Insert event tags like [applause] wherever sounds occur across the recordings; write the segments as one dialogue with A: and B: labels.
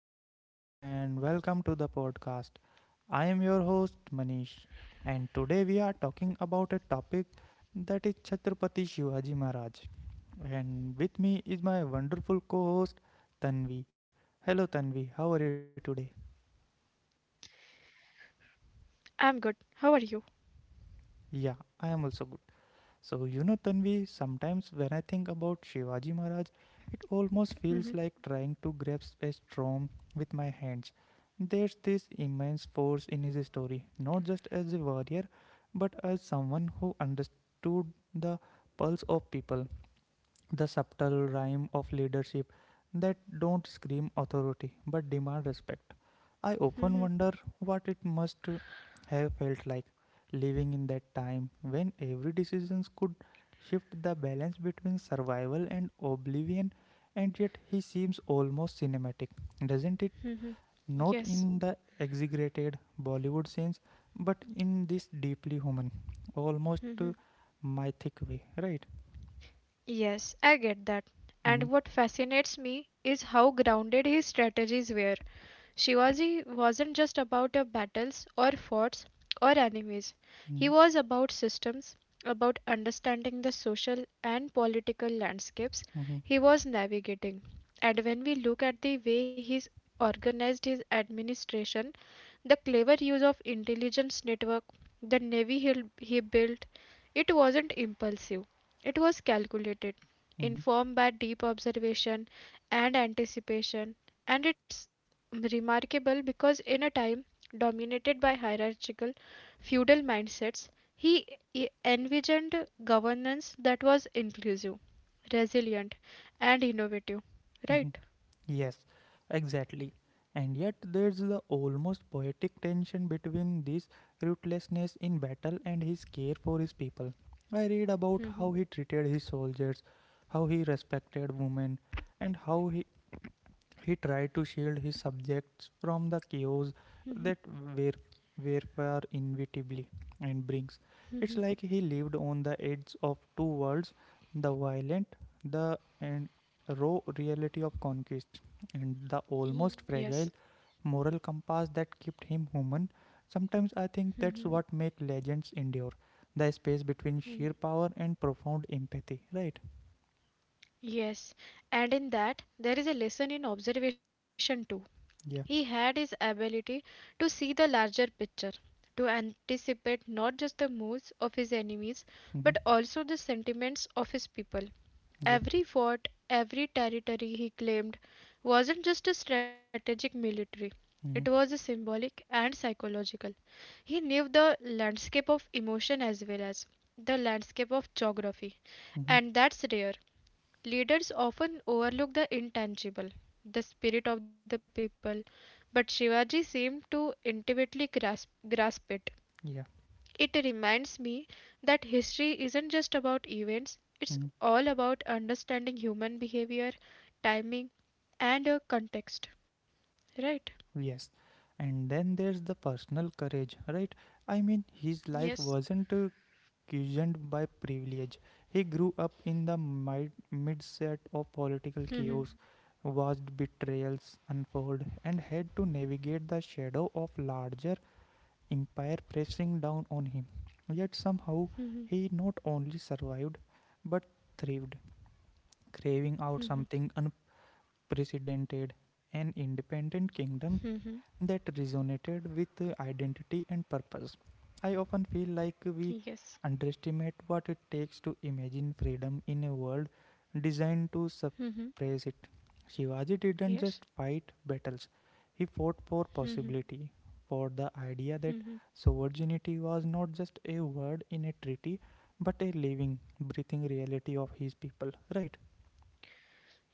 A: everyone, and welcome to the podcast. I am your host, Manish, and today we are talking about a topic that is Chhatrapati Shivaji Maharaj. And with me is my wonderful co host, Tanvi. Hello, Tanvi, how are you today?
B: I'm good. How are you?
A: Yeah, I am also good. So, Tanvi, sometimes when I think about Shivaji Maharaj, it
B: Mhm,
A: almost feels like trying to grasp a storm with my hands. There's this immense force in his story, not just as a warrior, but as someone who understood the pulse of people, the subtle rhyme of leadership that don't scream authority but demand respect. I often
B: mhm.
A: wonder what it must have felt like living in that time when every decision could shift the balance between survival and oblivion, and yet he seems almost cinematic, doesn't it? Not
B: Yes.
A: in the exaggerated Bollywood sense, but in this deeply human, almost mythic way, right?
B: Yes, I get that. And
A: Mm-hmm.
B: what fascinates me is how grounded his strategies were. Shivaji wasn't just about your battles or forts or enemies. He
A: Mm-hmm.
B: was about systems, about understanding the social and political landscapes
A: Mm-hmm.
B: he was navigating. And when we look at the way he's organized his administration, the clever use of intelligence network, the navy he built, it wasn't impulsive. It was calculated,
A: Hmm.
B: informed by deep observation and anticipation, and it's remarkable because in a time dominated by hierarchical feudal mindsets, he envisioned governance that was inclusive, resilient, and innovative.
A: Hmm.
B: Right?
A: Yes, exactly. And yet, there's the almost poetic tension between this ruthlessness in battle and his care for his people. I read about
B: Hmm.
A: how he treated his soldiers, how he respected women, and how he tried to shield his subjects from the chaos that war- warfare inevitably and brings. It's like he lived on the edge of two worlds, the violent, the and raw reality of conquest, and the almost
B: Yes.
A: fragile moral compass that kept him human. Sometimes I think
B: Hmm.
A: that's what makes legends endure. The space between sheer power and profound empathy, right?
B: Yes, and in that there is a lesson in observation too. He
A: Yeah.
B: had his ability to see the larger picture, to anticipate not just the moves of his enemies but
A: Mm-hmm.
B: also the sentiments of his people.
A: Yeah.
B: Every fort, every territory he claimed wasn't just a strategic military, it was a
A: Mm-hmm.
B: symbolic and psychological. He knew the landscape of emotion as well as the landscape of geography,
A: Mm-hmm.
B: and that's rare. Leaders often overlook the intangible, the spirit of the people, but Shivaji seemed to intimately grasp it.
A: Yeah.
B: It reminds me that history isn't just about events, it's
A: Mm-hmm.
B: all about understanding human behavior, timing, and context. Right?
A: Yes. And then there's the personal courage, right? I mean, his life
B: Yes.
A: wasn't cushioned by privilege. He grew up in the midset of political chaos,
B: Mm-hmm.
A: watched betrayals unfold, and had to navigate the shadow of larger empire pressing down on him. Yet somehow,
B: Hmm.
A: he not only survived, but thrived, craving out something unprecedented, an independent kingdom that resonated with identity and purpose. I often feel like we
B: Yes.
A: underestimate what it takes to imagine freedom in a world designed to
B: Hmm.
A: suppress it. Shivaji didn't just
B: Yes.
A: fight battles, he fought for possibility, for the idea that
B: Hmm.
A: sovereignty was not just a word in a treaty but a living, breathing reality of his people, right?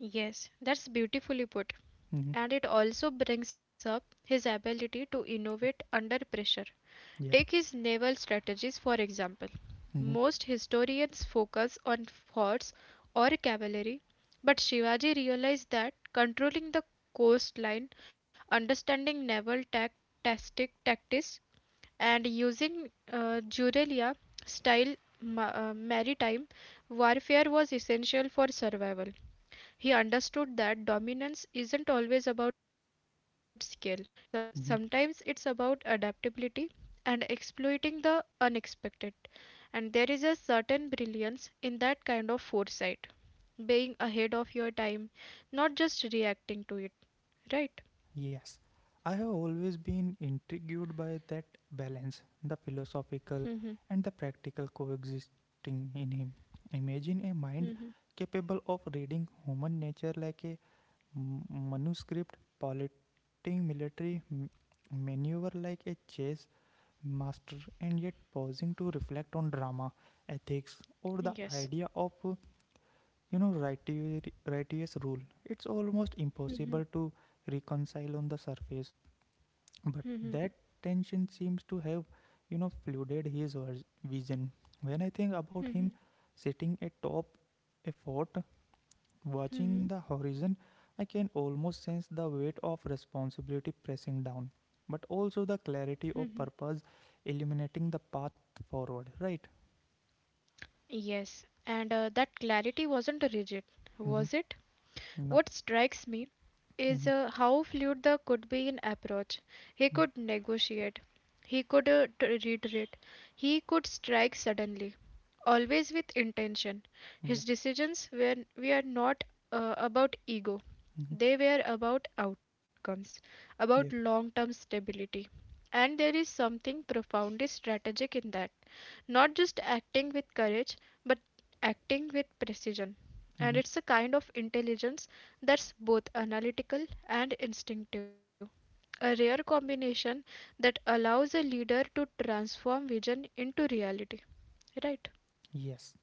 B: Yes, that's beautifully put.
A: Hmm.
B: And it also brings up his ability to innovate under pressure. Take
A: Yeah.
B: his naval strategies, for example.
A: Hmm.
B: Most historians focus on forts or cavalry, but Shivaji realized that controlling the coastline, understanding naval tactics, and using Jurelia style maritime warfare was essential for survival. He understood that dominance isn't always about skill, sometimes it's about adaptability and exploiting the unexpected. And there is a certain brilliance in that kind of foresight, being ahead of your time, not just reacting to it, right?
A: Yes, I have always been intrigued by that balance, the philosophical
B: Mhm,
A: and the practical coexisting in him. Imagine a mind
B: mhm.
A: capable of reading human nature like a manuscript, piloting military maneuver like a chess master, and yet pausing to reflect on drama, ethics, or the
B: Yes.
A: idea of righteous rule. It's almost impossible to reconcile on the surface, but that tension seems to have, you know, flooded his vision. When I think about him
B: Mhm,
A: sitting atop a fort, watching the
B: mhm.
A: horizon, I can almost sense the weight of responsibility pressing down, but also the clarity of purpose illuminating the path forward, right?
B: Yes, and that clarity wasn't rigid,
A: Mm-hmm.
B: was it?
A: No.
B: What strikes me is
A: Mm-hmm.
B: how fluid the could be in approach. He could negotiate. He could reiterate. He could strike suddenly, always with intention.
A: Mm-hmm. Yeah.
B: His decisions were not about ego,
A: Mm-hmm.
B: they were about outcomes,
A: Yeah.
B: about long term stability. And there is something profoundly strategic in that. Not just acting with courage, but acting with precision.
A: Mm-hmm.
B: And it's a kind of intelligence that's both analytical and instinctive, a rare combination that allows a leader to transform vision into reality, right?
A: Yes.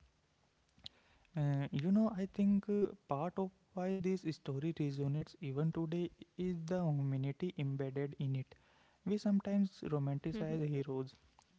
A: I think part of why this story resonates even today is the humanity embedded in it. We sometimes
B: Mhm.
A: romanticize heroes,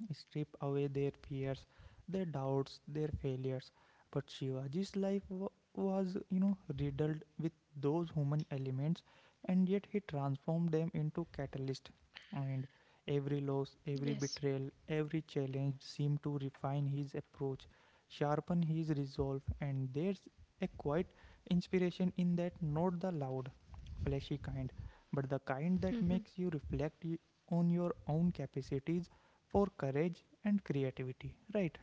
A: strip away their fears, their doubts, their failures. But Shivaji's life was, you know, riddled with those human elements, and yet he transformed them into catalyst. And every
B: Yes,
A: loss, every betrayal, every challenge seemed to refine his approach, sharpen his resolve, and there's a quiet inspiration in that, not the loud, flashy kind, but the kind that makes you reflect on your own capacities for courage and creativity, right?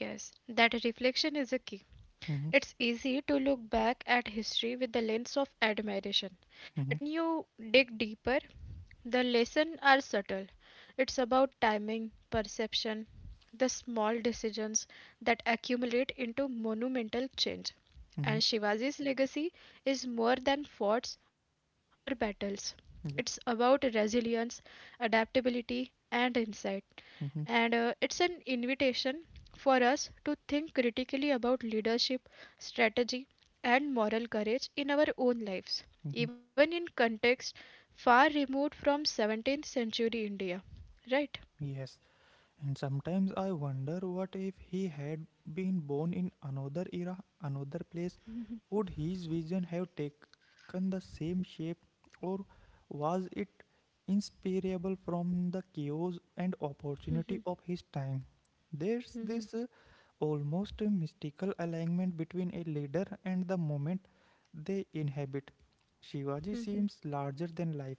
B: yes, that reflection is a key.
A: Mm-hmm,
B: It's easy to look back at history with the lens of admiration,
A: mm-hmm,
B: but when you dig deeper, the lessons are subtle. It's about timing, perception, the small decisions that accumulate into monumental change.
A: mm-hmm,
B: And Shivaji's legacy is more than forts or battles. It's
A: yeah,
B: about resilience, adaptability, and insight.
A: mm-hmm,
B: And it's an invitation for us to think critically about leadership, strategy, and moral courage in our own lives,
A: mm-hmm.
B: even in contexts far removed from 17th century India. Right?
A: Yes, and sometimes I wonder, what if he had been born in another era, another place? Would his vision have taken the same shape, or was it inseparable from the chaos and opportunity of his time? There's this almost mystical alignment between a leader and the moment they inhabit. Shivaji seems larger than life,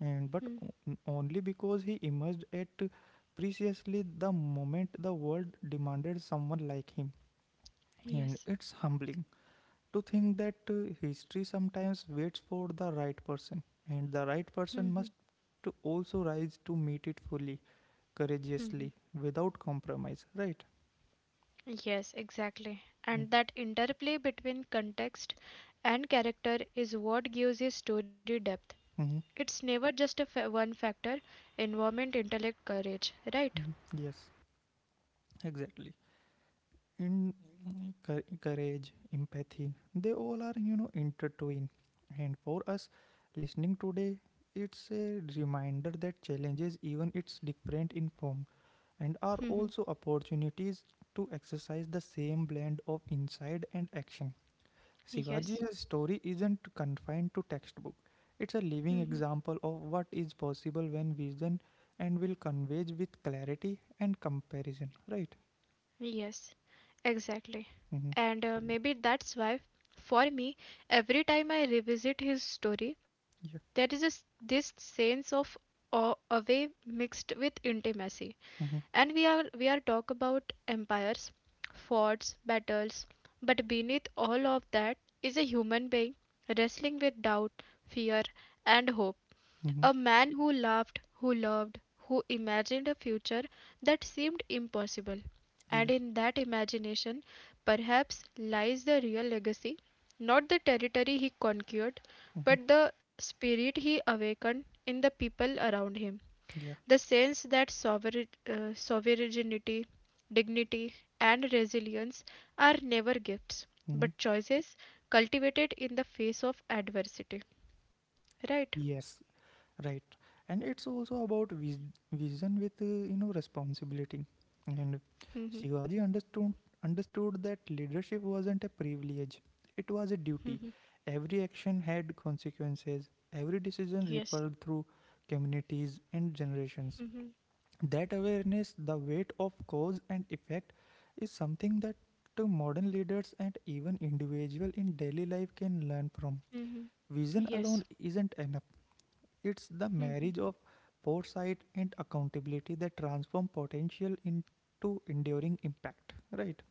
A: and but
B: Hmm.
A: o- only because he emerged at precisely the moment the world demanded someone like him, and
B: Yes.
A: it's humbling to think that history sometimes waits for the right person, and the right person must to also rise to meet it fully,
B: Hmm.
A: courageously, without compromise, right?
B: Yes, exactly. And
A: Mm-hmm.
B: that interplay between context and character is what gives a story depth.
A: Mm-hmm.
B: It's never just a one factor: environment, intellect, courage, right?
A: Mm-hmm. Yes, exactly. In courage, empathy, they all are, you know, intertwined. And for us listening today, it's a reminder that challenges, even it's different in form, and are
B: [laughs]
A: also opportunities to exercise the same blend of insight and action.
B: Yes,
A: Shivaji's story isn't confined to textbook. It's a living example of what is possible when vision and will converge with clarity and comparison. Right?
B: yes, exactly.
A: Mm-hmm.
B: And maybe that's why, for me, every time I revisit his story,
A: Yeah.
B: there is a s this sense of awe away mixed with intimacy.
A: Mm-hmm.
B: And we are talk about empires, forts, battles, but beneath all of that is a human being wrestling with doubt, fear, and hope.
A: Mm-hmm.
B: A man who laughed, who loved, who imagined a future that seemed impossible. And
A: Yeah.
B: in that imagination, perhaps lies the real legacy, not the territory he conquered,
A: Mm-hmm.
B: but the spirit he awakened in the people around him.
A: Yeah.
B: The sense that sovereignty, dignity, and resilience are never gifts
A: Mm-hmm.
B: but choices cultivated in the face of adversity. Right?
A: Yes. Right, and it's also about vision with you know, responsibility, and Shivaji understood that leadership wasn't a privilege, it was a duty. Every action had consequences, every decision rippled through communities and generations.
B: Hmm.
A: That awareness, the weight of cause and effect, is something that to modern leaders and even individual in daily life can learn from.
B: Hmm.
A: Vision alone isn't enough, it's the
B: Hmm.
A: marriage of foresight and accountability that transform potential into enduring impact, right?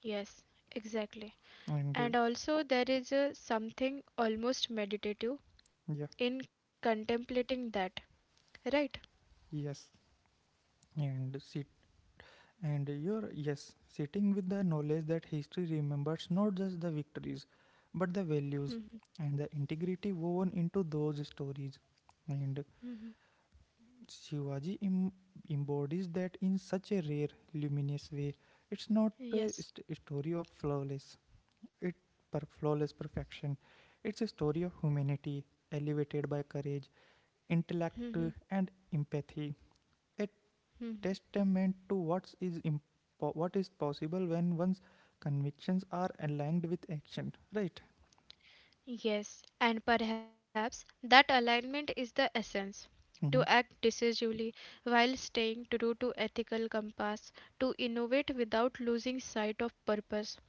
B: Yes, exactly.
A: And
B: And also, there is a something almost meditative
A: yeah,
B: in contemplating that, right?
A: yes, and sit and you're yes, sitting with the knowledge that history remembers not just the victories, but the values and the integrity woven into those stories. And
B: Hmm.
A: Shivaji embodies that in such a rare, luminous way. It's not a
B: Yes.
A: story of it flawless perfection. It's a story of humanity elevated by courage, intellect, and
B: Hmm.
A: empathy. A testament to what is possible when one's convictions are aligned with action. Right?
B: Yes, and perhaps that alignment is the essence.
A: Mm-hmm.
B: To act decisively while staying true to ethical compass, to innovate without losing sight of purpose,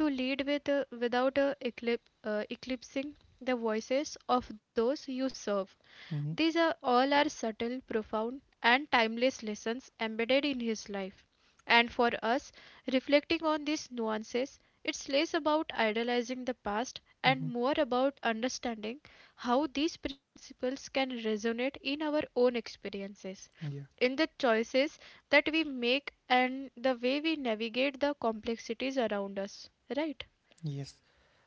B: to lead without eclipsing the voices of those you serve.
A: Mm-hmm.
B: These are all are subtle, profound, and timeless lessons embedded in his life. And for us, reflecting on these nuances, it's less about idolizing the past and
A: Mm-hmm.
B: more about understanding how these principles can resonate in our own experiences,
A: Yeah.
B: in the choices that we make, and the way we navigate the complexities around us. Right?
A: Yes.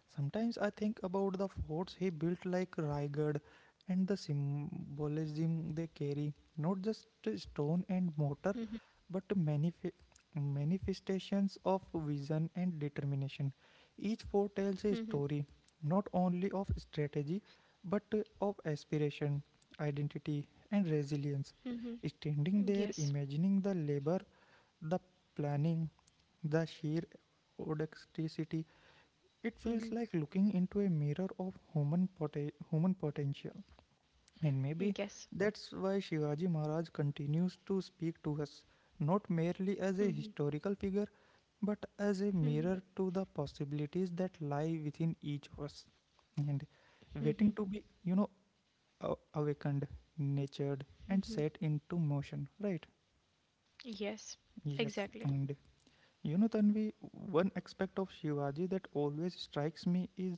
A: Sometimes I think about the forts he built like Raigad and the symbolism they carry, not just
B: Mhm,
A: stone and mortar, but manifestations of vision and determination. Each fort tells a
B: mhm,
A: story, not only of strategy, but of aspiration, identity, and resilience.
B: mhm.
A: Standing there,
B: Yes.
A: imagining the labor, the planning, the sheer audacity, it feels like
B: Mhm.
A: looking into a mirror of human potential. And maybe
B: Yes.
A: that's why Shivaji Maharaj continues to speak to us, not merely as a
B: Mhm,
A: historical figure, but as a
B: mhm,
A: mirror to the possibilities that lie within each of us. And
B: mhm.
A: waiting to be, you know, awakened, nurtured, and
B: Mm.
A: set into motion, right?
B: Yes,
A: Yes.
B: exactly.
A: And you know, Tanvi, one aspect of Shivaji that always strikes me is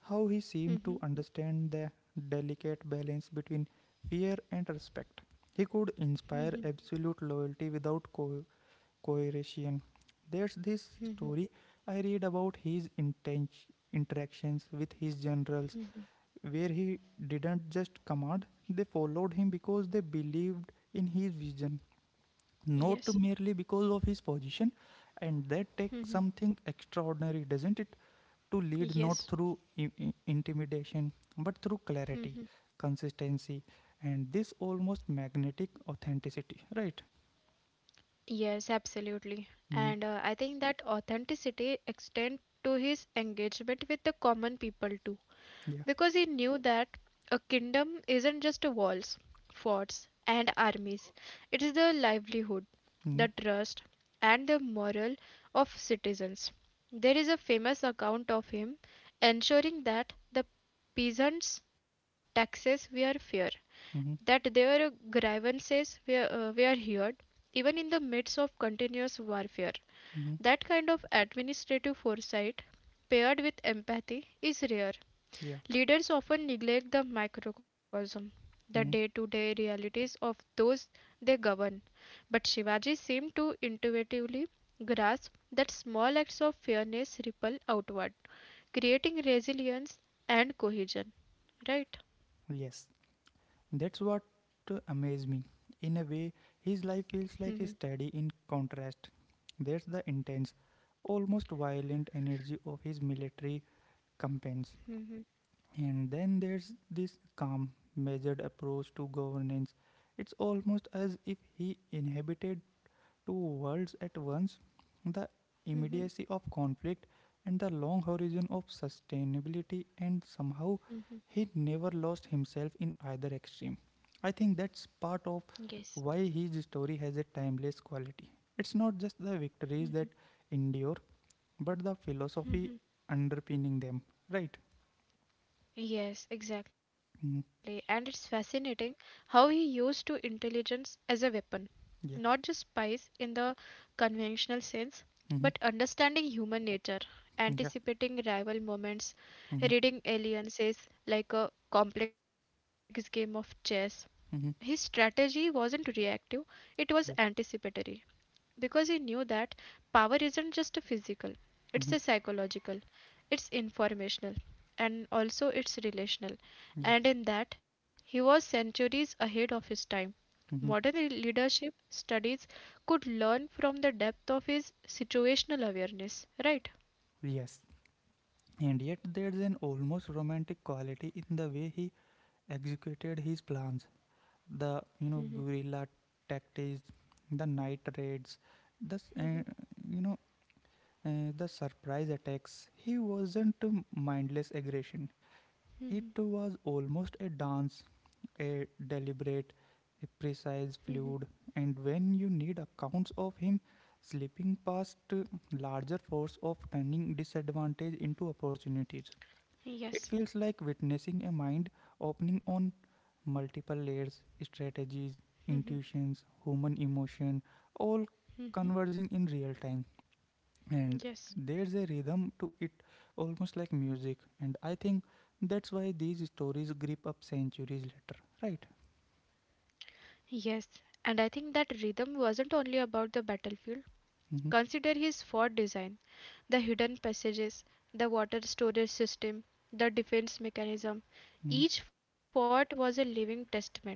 A: how he seemed to
B: Mhm,
A: understand the delicate balance between fear and respect. He could inspire
B: mhm,
A: absolute loyalty without coercion. There's this
B: mhm.
A: story I read about his interactions with his generals, where he didn't just command, they followed him because they believed in his vision not
B: Yes.
A: merely because of his position, and that takes
B: Mhm.
A: something extraordinary, doesn't it? To lead not
B: Yes.
A: through intimidation, but through clarity,
B: Mhm.
A: consistency, and this almost magnetic authenticity, right?
B: Yes, absolutely.
A: Mm,
B: And I think that authenticity extend to his engagement with the common people too.
A: yeah.
B: Because he knew that a kingdom isn't just walls, forts, and armies, it is the livelihood,
A: Mm,
B: the trust, and the morale of citizens. There is a famous account of him ensuring that the peasants' taxes were fair,
A: mm,
B: that their grievances were heard, even in the midst of continuous warfare.
A: mm,
B: That kind of administrative foresight, paired with empathy, is rare.
A: yeah.
B: Leaders often neglect the microcosm, the day
A: Mm,
B: to day realities of those they govern. But Shivaji seemed to intuitively grasp that small acts of fairness ripple outward, creating resilience and cohesion. Right?
A: yes. That's what amazed me. In a way, his life feels like a study in contrast. There's the intense, almost violent energy of his military campaigns,
B: Hmm.
A: and then there's this calm, measured approach to governance. It's almost as if he inhabited two worlds at once, the immediacy
B: Hmm.
A: of conflict and the long horizon of sustainability, and somehow he
B: Hmm.
A: never lost himself in either extreme. I think that's part of
B: Yes.
A: why his story has a timeless quality. It's not just the victories that endure, but the philosophy underpinning them, right?
B: Yes,
A: Mhm.
B: exactly. And it's fascinating how he used to intelligence as a weapon.
A: Yeah.
B: Not just spies in the conventional sense,
A: Mhm.
B: but understanding human nature,
A: Yeah.
B: anticipating rival moments,
A: Mm-hmm.
B: reading alliances like a complex game of chess. His
A: Mm-hmm.
B: strategy wasn't reactive, it was
A: Yeah.
B: anticipatory, because he knew that power isn't just a physical,
A: Mm-hmm.
B: it's a psychological, it's informational, and also it's relational.
A: Yeah.
B: And in that, he was centuries ahead of his time.
A: Mm-hmm.
B: Modern leadership studies could learn from the depth of his situational awareness, right?
A: Yes. And yet there's an almost romantic quality in the way he executed his plans. The you know
B: Mhm,
A: guerrilla tactics, the night raids, the s- uh,
B: mhm.
A: you know the surprise attacks. He wasn't mindless aggression. It was almost a dance, a deliberate, a precise fluid, and when you need accounts of him slipping past larger force of turning disadvantage into opportunities, it feels like
B: Yes,
A: witnessing a mind opening on multiple layers, strategies, intuitions, human emotion, all converging in real time, and there's a
B: yes.
A: rhythm to it almost like music, and I think that's why these stories grip up centuries later, right?
B: Yes, and I think that rhythm wasn't only about the battlefield.
A: Mm-hmm.
B: Consider his fort design: the hidden passages, the water storage system, the defense mechanism.
A: Mm-hmm.
B: Each fort was a living testament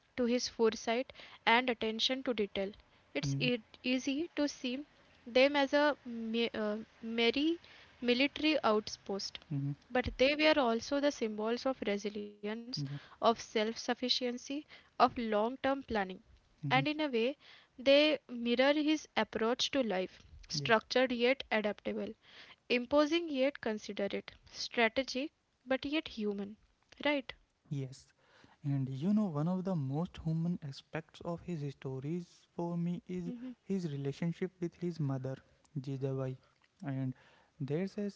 B: to his foresight and attention to detail. It's
A: Mm-hmm.
B: easy to see them as a merry military outpost,
A: Mm-hmm.
B: but they were also the symbols of resilience,
A: Yeah.
B: of self sufficiency, of long term planning, and
A: Mm-hmm.
B: in a way, they mirror his approach to life:
A: Yeah.
B: structured yet adaptable, imposing yet considerate, strategic but yet human. Right?
A: Yes, and you know one of the most human aspects of his stories for me is
B: Hmm.
A: his relationship with his mother Jijabai. And there's a,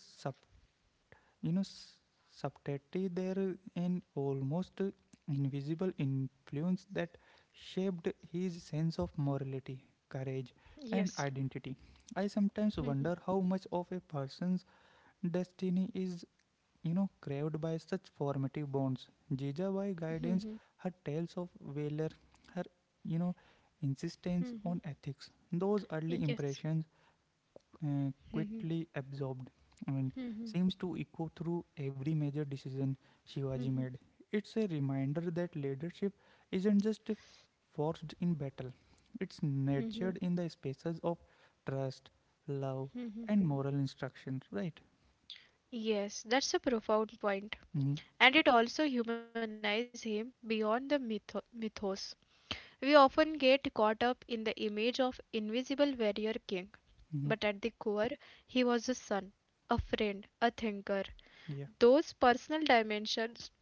A: you know, subtly there, an almost invisible influence that shaped his sense of morality, courage, and identity. I sometimes wonder how much of a person's destiny is, you know, craved by such formative bonds. Jijabai guidance, her tales of valor, her, you know, insistence on ethics. Those early
B: Yes.
A: impressions quickly absorbed and seems to echo through every major decision Shivaji made. It's a reminder that leadership isn't just forged in battle, it's nurtured in the spaces of trust, love, and moral instruction, right?
B: Yes, that's a profound point.
A: Hmm.
B: And it also humanizes him beyond the mythos. We often get caught up in the image of invisible warrior king,
A: Hmm.
B: but at the core, he was a son, a friend, a thinker.
A: Yeah.
B: Those personal dimensions,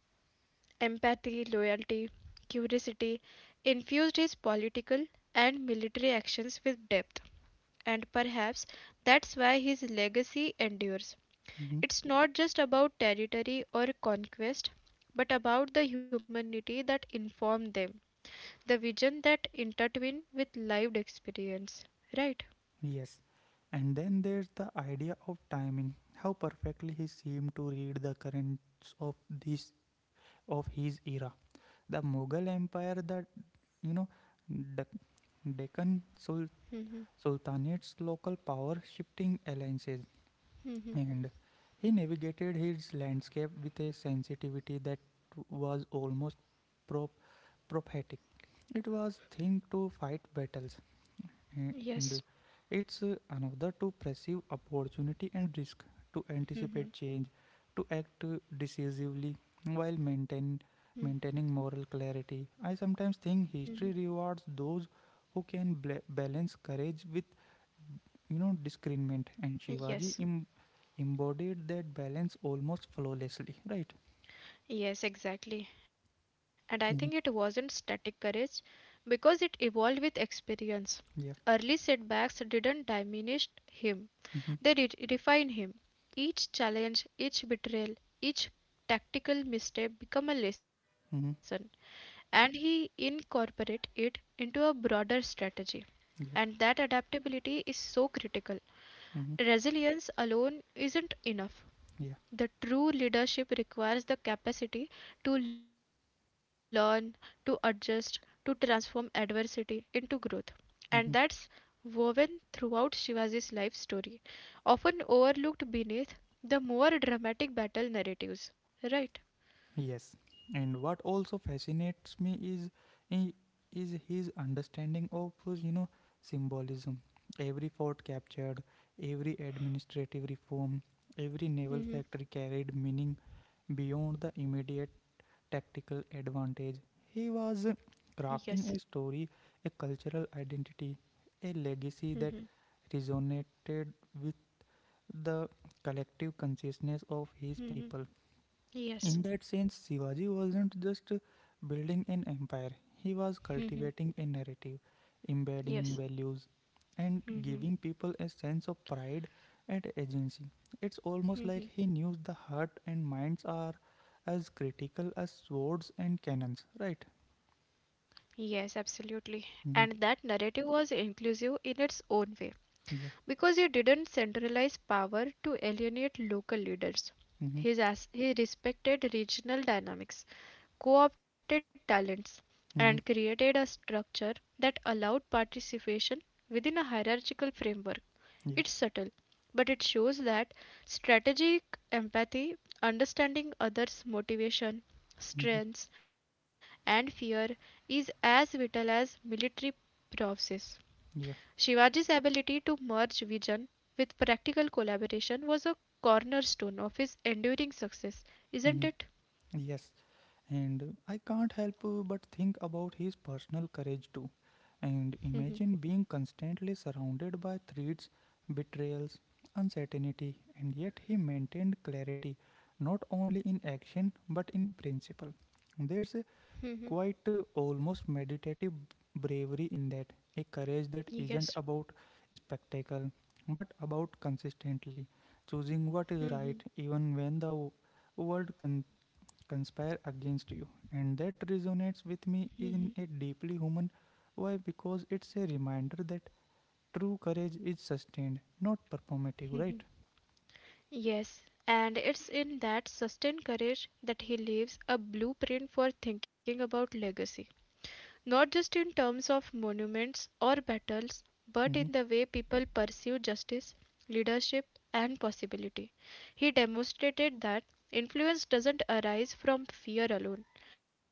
B: empathy, loyalty, curiosity, infused his political and military actions with depth. And perhaps that's why his legacy endures.
A: Hmm.
B: It's not just about territory or conquest, but about the humanity that informed them, the vision that intertwined with lived experience, right?
A: Yes. And then there's the idea of timing, how perfectly he seemed to read the currents of this of his era. The Mughal Empire that You know, Dec- Deccan Sul-
B: Mhm,
A: Sultanate's local power shifting alliances,
B: mhm.
A: and he navigated his landscape with a sensitivity that was almost pro- prophetic. It was thing to fight battles
B: Yes.
A: and it's another to perceive opportunity and risk, to anticipate
B: Mhm,
A: change, to act decisively while
B: mhm,
A: maintaining moral clarity. I sometimes
B: mhm.
A: think history rewards those who can balance courage with discernment, and
B: Yes.
A: Embodied that balance almost flawlessly. Right?
B: Yes, exactly. And I think it wasn't
A: Mhm.
B: static courage, because it evolved with experience. Early
A: Yeah.
B: setbacks didn't diminish him, they
A: Mm-hmm.
B: refine him. Each challenge, each betrayal, each tactical misstep become a lesson,
A: Mm-hmm.
B: and he incorporate it into a broader strategy. And that
A: Yeah.
B: adaptability is so critical.
A: Mm-hmm.
B: Resilience alone isn't enough.
A: Yeah.
B: The true leadership requires the capacity to learn, to adjust, to transform adversity into growth. And that's
A: Mm-hmm.
B: woven throughout Shivaji's life story, often overlooked beneath the more dramatic battle narratives. Right?
A: Yes, and what also fascinates me is i- is his understanding of symbolism. Every fort captured, every administrative reform, every naval
B: Hmm.
A: factory carried meaning beyond the immediate tactical advantage. He was
B: Yes.
A: crafting a story, a cultural identity, a
B: Hmm.
A: legacy that resonated with the collective consciousness of his people.
B: Hmm.
A: In
B: Yes.
A: that sense, Shivaji wasn't just building an empire, he was
B: Hmm.
A: cultivating a narrative,
B: Yes.
A: embedding values, and
B: Hmm.
A: giving people a sense of pride and agency. It's almost
B: Hmm.
A: like he knew the heart and minds are as critical as swords and cannons, right?
B: Yes, absolutely. And that
A: Mm-hmm.
B: narrative was inclusive in its own way.
A: Yeah.
B: Because he didn't centralize power to alienate local leaders.
A: Mm-hmm.
B: He respected regional dynamics, co opted talents, and
A: Mm-hmm.
B: created a structure that allowed participation within a hierarchical framework. It's
A: Yeah.
B: subtle, but it shows that strategic empathy, understanding others' motivation,
A: Mm-hmm.
B: strengths, and fear, is as vital as military process.
A: Yeah.
B: Shivaji's ability to merge vision with practical collaboration was a cornerstone of his enduring success, isn't it?
A: Mm-hmm. Yes. And I can't help but think about his personal courage too. And
B: Mhm,
A: imagine being constantly surrounded by threats, betrayals, uncertainty, and yet he maintained clarity, not only in action but in principle. There's a
B: mhm.
A: quite almost meditative bravery in that, a courage that
B: Yes.
A: isn't about spectacle but about consistently choosing what is
B: Mhm,
A: right even when the world conspire against you. And that resonates with
B: mhm,
A: me in a deeply human way. Because it's a reminder that true courage is sustained, not performative,
B: mhm.
A: right?
B: Yes, and it's in that sustained courage that he leaves a blueprint for thinking about legacy, not just in terms of monuments or battles, but in
A: Hmm.
B: the way people pursue justice, leadership, and possibility. He demonstrated that influence doesn't arise from fear alone,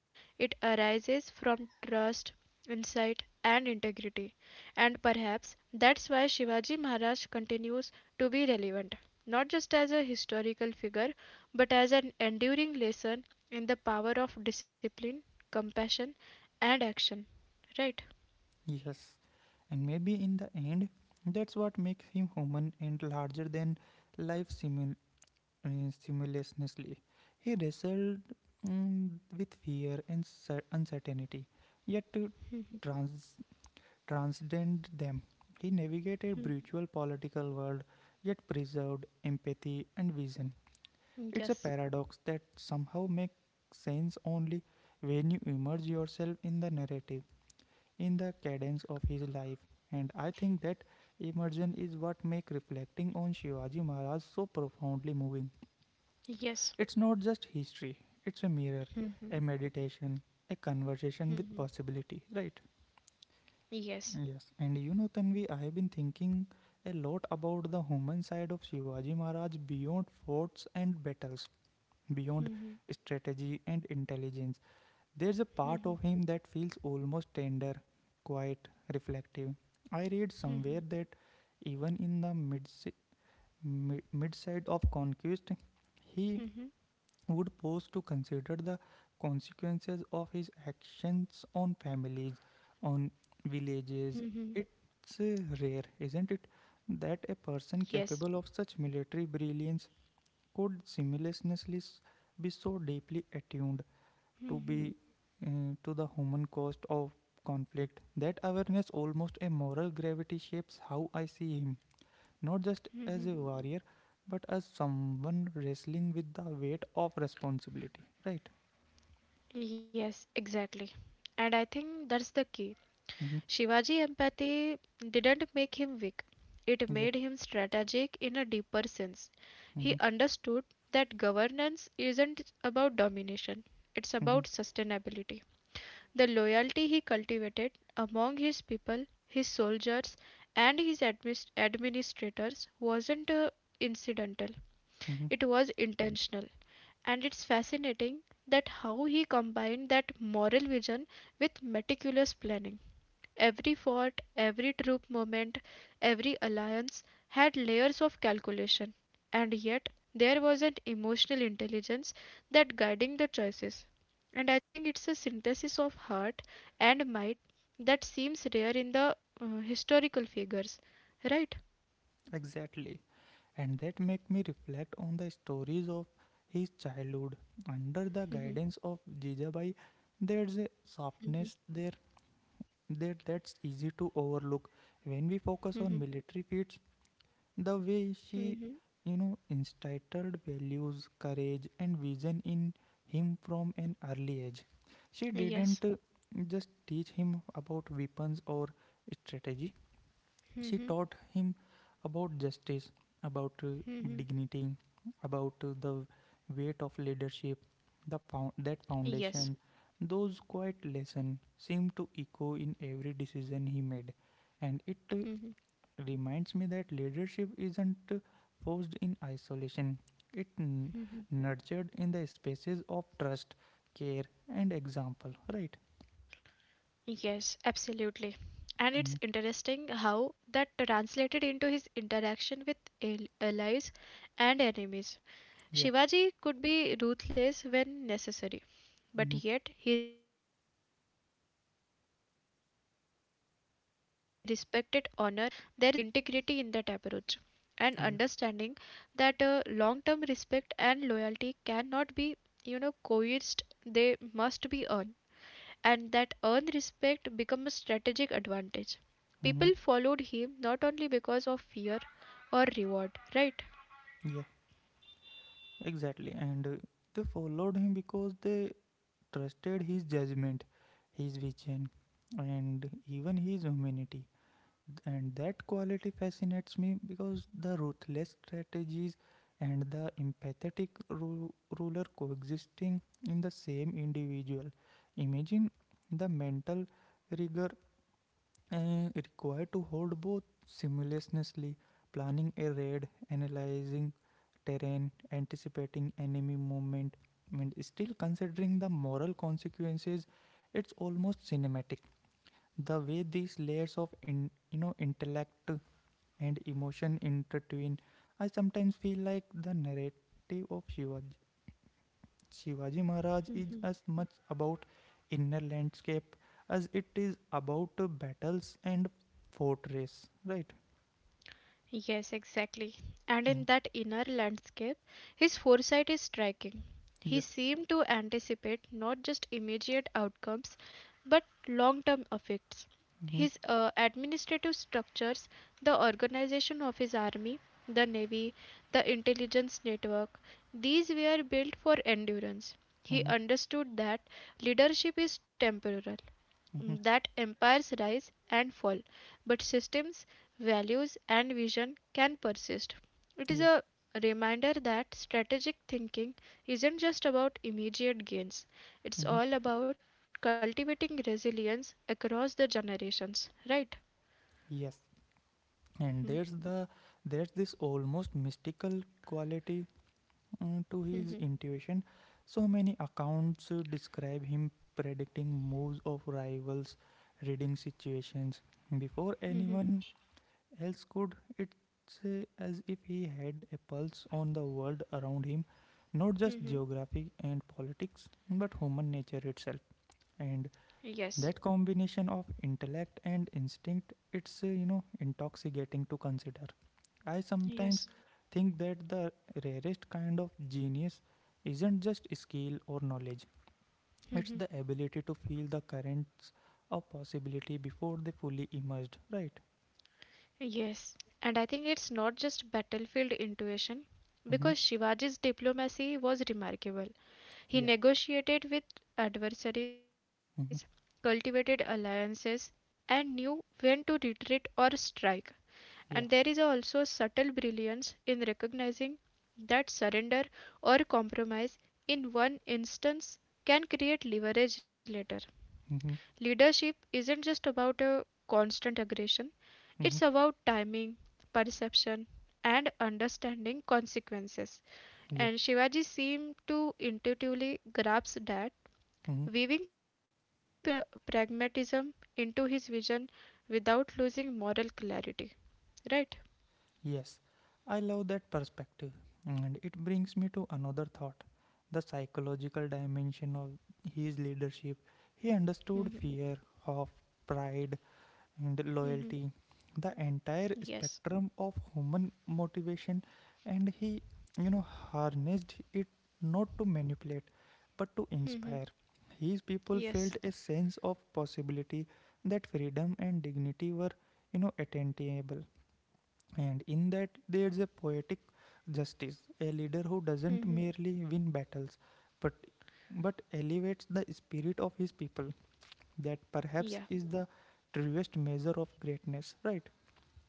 B: it arises from trust, insight, and integrity. And perhaps that's why Shivaji Maharaj continues to be relevant, not just as a historical figure, but as an enduring lesson in the power of discipline, compassion, and action, right?
A: Yes. And maybe in the end, that's what makes him human and larger than life simultaneously. He wrestled mm, with fear and uncertainty, yet to
B: Mhm,
A: trans- transcend them. He navigated a
B: mhm,
A: brutal political world yet preserved empathy and vision. It's
B: mhm.
A: a
B: Yes,
A: paradox that somehow makes sense only when you immerse yourself in the narrative, in the cadence of his life. And I think that immersion is what makes reflecting on Shivaji Maharaj so profoundly moving.
B: yes.
A: It's not just history, it's a mirror, a
B: Mhm,
A: meditation, a conversation
B: mhm.
A: with possibility, right?
B: Yes.
A: Yes, and you know, Tanvi, I have been thinking a lot about the human side of Shivaji Maharaj beyond forts and battles, beyond
B: Mhm,
A: strategy and intelligence. There's a part
B: mhm,
A: of him that feels almost tender, quiet, reflective. I read somewhere
B: mhm,
A: that even in the mid side of conquest, he
B: mhm,
A: would pause to consider the consequences of his actions on families, on
B: mhm.
A: villages. It's rare, isn't it, that a person
B: Yes.
A: capable of such military brilliance could simultaneously be so deeply attuned to
B: Mhm,
A: be to the human cost of conflict. That awareness almost a moral gravity shapes how I see him, not just as a
B: mhm.
A: warrior but as someone wrestling with the weight of responsibility, right?
B: Yes, exactly. And I think that's the key.
A: Mhm.
B: Shivaji empathy didn't make him weak, it
A: Yeah.
B: made him strategic in a deeper sense. He
A: Mhm.
B: understood that governance isn't about domination, it's
A: Mhm.
B: about sustainability. The loyalty he cultivated among his people, his soldiers, and his administrators wasn't incidental,
A: Mhm.
B: it was intentional. And it's fascinating that how he combined that moral vision with meticulous planning. Every fort, every troop movement, every alliance, had layers of calculation, and yet there was an emotional intelligence that guiding the choices, and I think it's a synthesis of heart and mind that seems rare in the historical figures, right?
A: Exactly. And that make me reflect on the stories of his childhood under the guidance of Jijabai. There's a softness there that's easy to overlook when we focus on military feats. The way she,
B: Mm-hmm.
A: you know, instilled values, courage, and vision in him from an early age. She didn't
B: Yes.
A: just teach him about weapons or strategy. She
B: Mm-hmm.
A: taught him about justice, about
B: Mm-hmm.
A: dignity, about the weight of leadership. That
B: Yes.
A: foundation, those quiet lessons seemed to echo in every decision he made, and it reminds me that leadership isn't forced in isolation. It nurtured in the spaces of trust, care, and example. Right?
B: Yes, absolutely. And it's
A: Mhm.
B: interesting how that translated into his interaction with allies and enemies.
A: Yeah.
B: Shivaji could be ruthless when necessary, but
A: Mhm.
B: yet he respected honor and principle. There is a certain integrity in that approach, and understanding that
A: Yeah.
B: long-term respect and loyalty cannot be, coerced, they must be earned and that earned respect became a strategic advantage. People followed him not
A: Mhm.
B: only because of fear or reward, right?
A: Yeah. Exactly, and they followed him because they trusted his judgment, his vision, and even his humanity. And that quality fascinates me because the ruthless strategies and the ruler coexisting in the same individual. Imagine the mental rigor required to hold both simultaneously, planning a raid, analyzing terrain, anticipating enemy movement, and still considering the moral consequences. It's almost cinematic. The way these layers of intellect and emotion intertwine. I sometimes feel like the narrative of Shivaji Maharaj is as much about inner landscape as it is about battles and fortress, right?
B: Yes, exactly. And in
A: Mm.
B: that inner landscape, his foresight is striking. He
A: Yeah.
B: seemed to anticipate not just immediate outcomes, but long term effects.
A: Mm-hmm.
B: His administrative structures, the organization of his army, the navy, the intelligence network, these were built for endurance. He
A: Mm-hmm.
B: understood that leadership is temporal,
A: Mm-hmm.
B: that empires rise and fall, but systems, values, and vision can persist. It is
A: Yeah.
B: a reminder that strategic thinking isn't just about immediate gains, it's
A: Mm-hmm.
B: all about cultivating resilience across the generations, right?
A: Yes. and
B: Hmm.
A: there's the there's this almost mystical quality to his intuition. So many accounts describe him predicting moves of rivals, reading situations before
B: Hmm. Hmm.
A: anyone else could. It's as if he had a pulse on the world around him, not just
B: Hmm. Hmm.
A: geography and politics but human nature itself. And
B: Yes,
A: that combination of intellect and instinct, it's intoxicating to consider. I
B: yes.
A: sometimes think that the rarest kind of genius isn't just skill or knowledge,
B: Hmm.
A: it's
B: Hmm.
A: the ability to feel the currents of possibility before they fully emerged, right?
B: Yes, and I think it's not just battlefield intuition because
A: Mm-hmm.
B: Shivaji's diplomacy was remarkable. He
A: Yeah.
B: negotiated with adversaries,
A: Mm-hmm.
B: cultivated alliances, and knew when to retreat or strike. And there is
A: Yeah.
B: also subtle brilliance in recognizing that surrender or compromise in one instance can create leverage later.
A: Mm-hmm.
B: Leadership isn't just about a constant aggression,
A: Mm-hmm.
B: it's about timing, perception, and understanding consequences.
A: Yeah.
B: And Shivaji seemed to intuitively grasp that
A: Mm-hmm.
B: weaving pragmatism into his vision without losing moral clarity. Right?
A: Yes, I love that perspective, and it brings me to another thought, the psychological dimension of his leadership. He understood
B: Mhm.
A: fear, hope, pride, and
B: Mhm.
A: loyalty, the entire
B: Yes.
A: spectrum of human motivation, and he, you know, harnessed it not to manipulate but to inspire.
B: Mhm.
A: His people felt
B: Yes.
A: a sense of possibility that freedom and dignity were, you know, attainable, and in that, there's a poetic justice, a leader who doesn't
B: Mhm.
A: merely win battles, but elevates the spirit of his people. That
B: Yeah.
A: perhaps is the truest measure of greatness, right?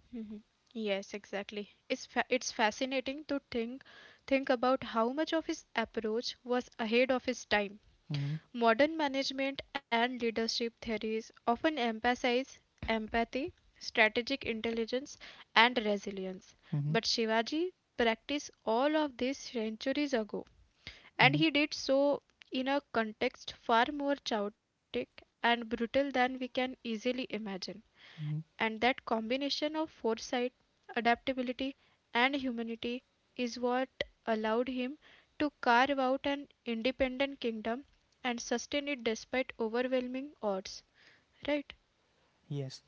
B: Mhm. Yes, exactly. It's it's fascinating to think about how much of his approach was ahead of his time.
A: Mm-hmm,
B: Modern management and leadership theories often emphasize empathy, strategic intelligence, and resilience.
A: mm-hmm,
B: But Shivaji practiced all of this centuries ago, and
A: mm-hmm,
B: he did so in a context far more chaotic and brutal than we can easily imagine.
A: mm-hmm.
B: And that combination of foresight, adaptability, and humanity is what allowed him to carve out an independent kingdom and sustain it despite overwhelming odds. Right?
A: Yes,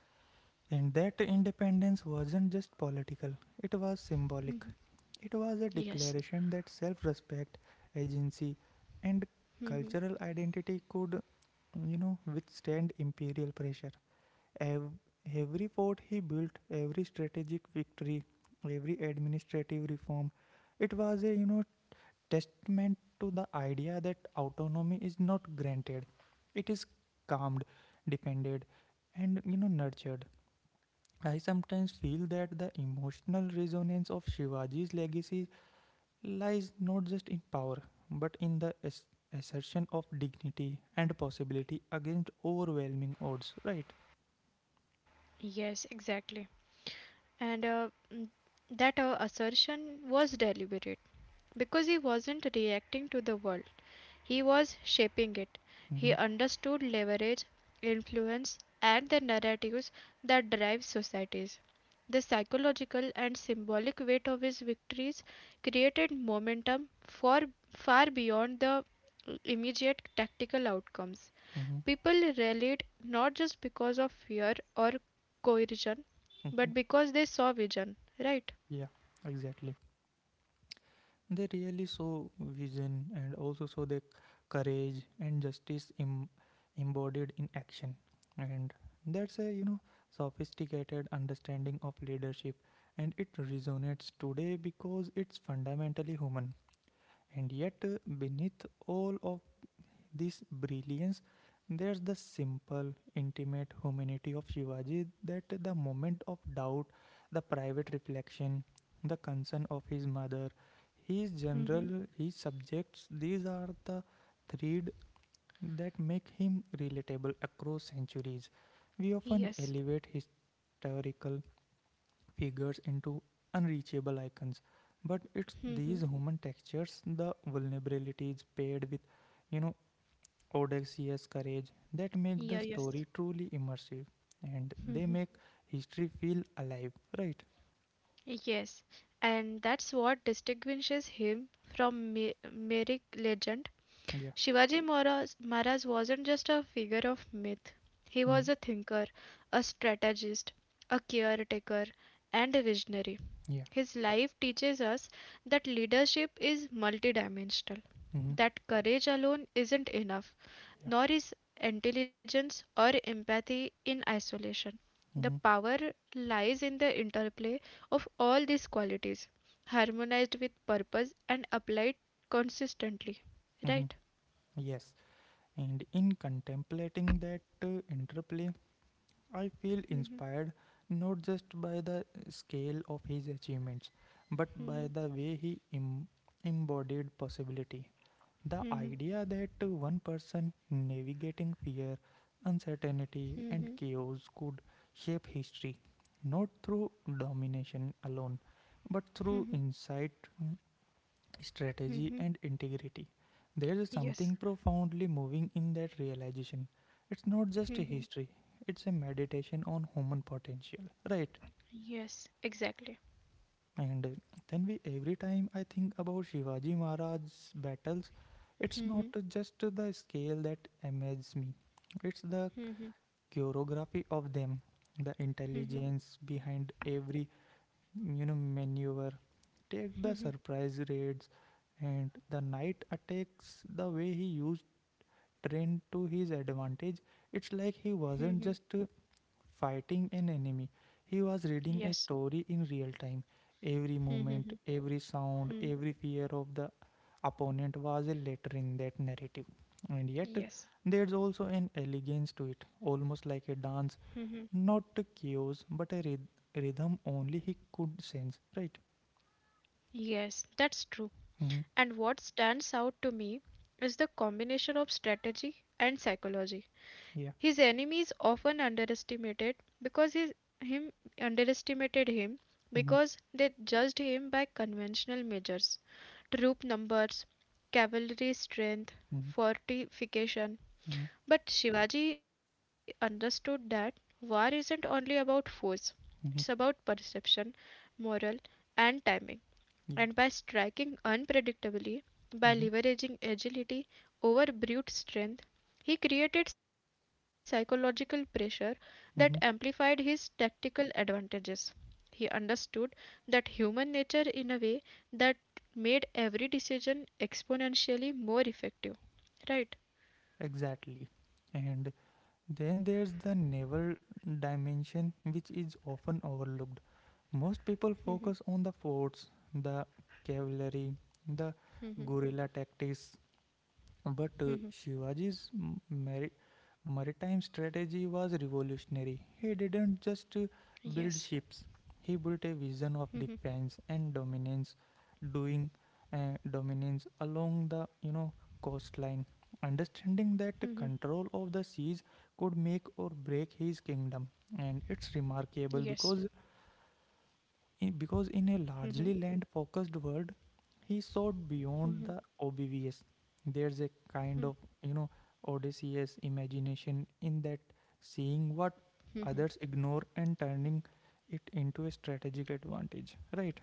A: and that independence wasn't just political; it was symbolic.
B: Mm.
A: It was a
B: Yes.
A: declaration that self-respect, agency, and
B: Mhm.
A: cultural identity could, you know, withstand imperial pressure. Ev- every fort he built, every strategic victory, every administrative reform, it was a testament to the idea that autonomy is not granted; it is calmed, defended, and nurtured. I sometimes feel that the emotional resonance of Shivaji's legacy lies not just in power, but in the assertion of dignity and possibility against overwhelming odds. Right?
B: Yes, exactly. And uh, mm, that assertion was deliberate because he wasn't reacting to the world. He was shaping it.
A: Mm-hmm,
B: He understood leverage, influence, and the narratives that drive societies. The psychological and symbolic weight of his victories created momentum for far beyond the immediate tactical outcomes.
A: mm-hmm,
B: People rallied not just because of fear or coercion,
A: mm-hmm.
B: but because they saw vision, right?
A: Yeah, exactly. They really show vision and also show the courage and justice embodied in action. And that's a, you know, sophisticated understanding of leadership. And it resonates today because it's fundamentally human. And yet, beneath all of this brilliance, there's the simple, intimate humanity of Shivaji, that the moment of doubt, the private reflection, the concern of his mother, his
B: Hmm.
A: general, his subjects, these are the thread that make him relatable across centuries. We often
B: Yes.
A: elevate historical figures into unreachable icons, but it's these human textures, the vulnerabilities paired with you know audacious courage that make the
B: Yeah, yes.
A: story truly immersive, and they
B: Mhm.
A: make history feel alive, right?
B: Yes, and that's what distinguishes him from myric legend.
A: Yeah.
B: Shivaji Maharaj wasn't just a figure of myth. He was
A: Mm.
B: a thinker, a strategist, a caretaker, and a visionary.
A: Yeah.
B: His life teaches us that leadership is multidimensional,
A: Hmm.
B: that courage alone isn't enough,
A: Yeah.
B: nor is intelligence or empathy in isolation. The
A: Hmm.
B: power lies in the interplay of all these qualities, harmonized with purpose and applied consistently.
A: Hmm.
B: Right?
A: Yes, and in contemplating that interplay, I feel inspired not just by the scale of his achievements but by the way he Im- embodied possibility. The idea that one person navigating fear, uncertainty, and chaos could shape history, not through domination alone, but through insight, mm, strategy, and integrity. There is
B: Yes.
A: something profoundly moving in that realization. It's not just a
B: Mhm.
A: history, it's a meditation on human potential, right?
B: Yes, exactly.
A: And every time I think about Shivaji Maharaj's battles, it's not
B: Hmm.
A: just the scale that amazes me, it's the choreography of them, the intelligence behind every maneuver. Take the surprise raids and the night attacks, the way he used trained to his advantage. It's like he wasn't just fighting an enemy. He was reading a
B: Yes.
A: story in real time. Every movement, every sound, every fear of the opponent was a letter in that narrative. And yet,
B: Yes.
A: there's also an elegance to it, almost like a dance, not a chaos, but a rhythm only he could sense, right?
B: Yes, that's true.
A: Mm-hmm.
B: And what stands out to me is the combination of strategy and psychology.
A: Yeah.
B: His enemies often underestimated because his him underestimated him
A: Mm-hmm.
B: because they judged him by conventional measures, troop numbers, cavalry strength,
A: Mm-hmm.
B: fortification.
A: Mm-hmm.
B: But Shivaji understood that war isn't only about force, it's about
A: Mm-hmm.
B: perception, morale, and timing and by
A: Yeah.
B: striking unpredictably, by
A: Mm-hmm.
B: leveraging agility over brute strength, he created psychological pressure that amplified
A: Mm-hmm.
B: his tactical advantages. He understood that human nature in a way that made every decision exponentially more effective. Right?
A: Exactly. And then there's the naval dimension, which is often overlooked. Most people focus on the forts, the cavalry, the guerrilla tactics, but Shivaji's maritime strategy was revolutionary. He didn't just
B: Yes.
A: build ships, he built a vision of defense and dominance, doing dominance along the coastline. Understanding that
B: Mm-hmm.
A: control of the seas could make or break his kingdom, and it's remarkable
B: Yes.
A: because because in a
B: Mm-hmm.
A: largely land focused world, he soared
B: Mm-hmm.
A: beyond the obvious. There's a kind of, you know, Odysseus imagination in that, seeing what others ignore and turning it into a strategic advantage, right?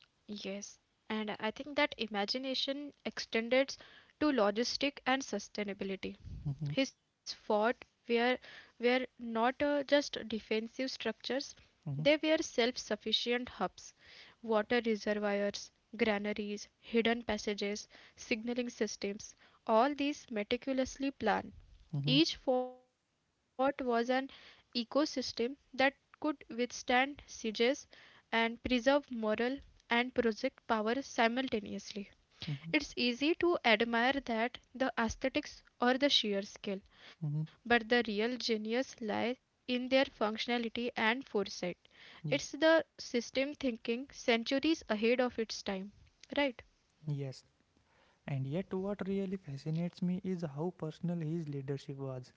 B: Yes, and I think that imagination extended to logistic and sustainability.
A: Mm-hmm,
B: His fort were not just defensive structures; they
A: mm-hmm,
B: were self-sufficient hubs, water reservoirs, granaries, hidden passages, signaling systems. All these meticulously planned.
A: mm-hmm,
B: Each fort was an ecosystem that could withstand sieges and preserve morale and project power simultaneously.
A: mm-hmm,
B: It's easy to admire that, the aesthetics or the sheer scale,
A: mm-hmm.
B: but the real genius lies in their functionality and foresight.
A: Yeah,
B: It's the system thinking centuries ahead of its time, right? [laughs]
A: yes. And yet, what really fascinates me is how personal his leadership was.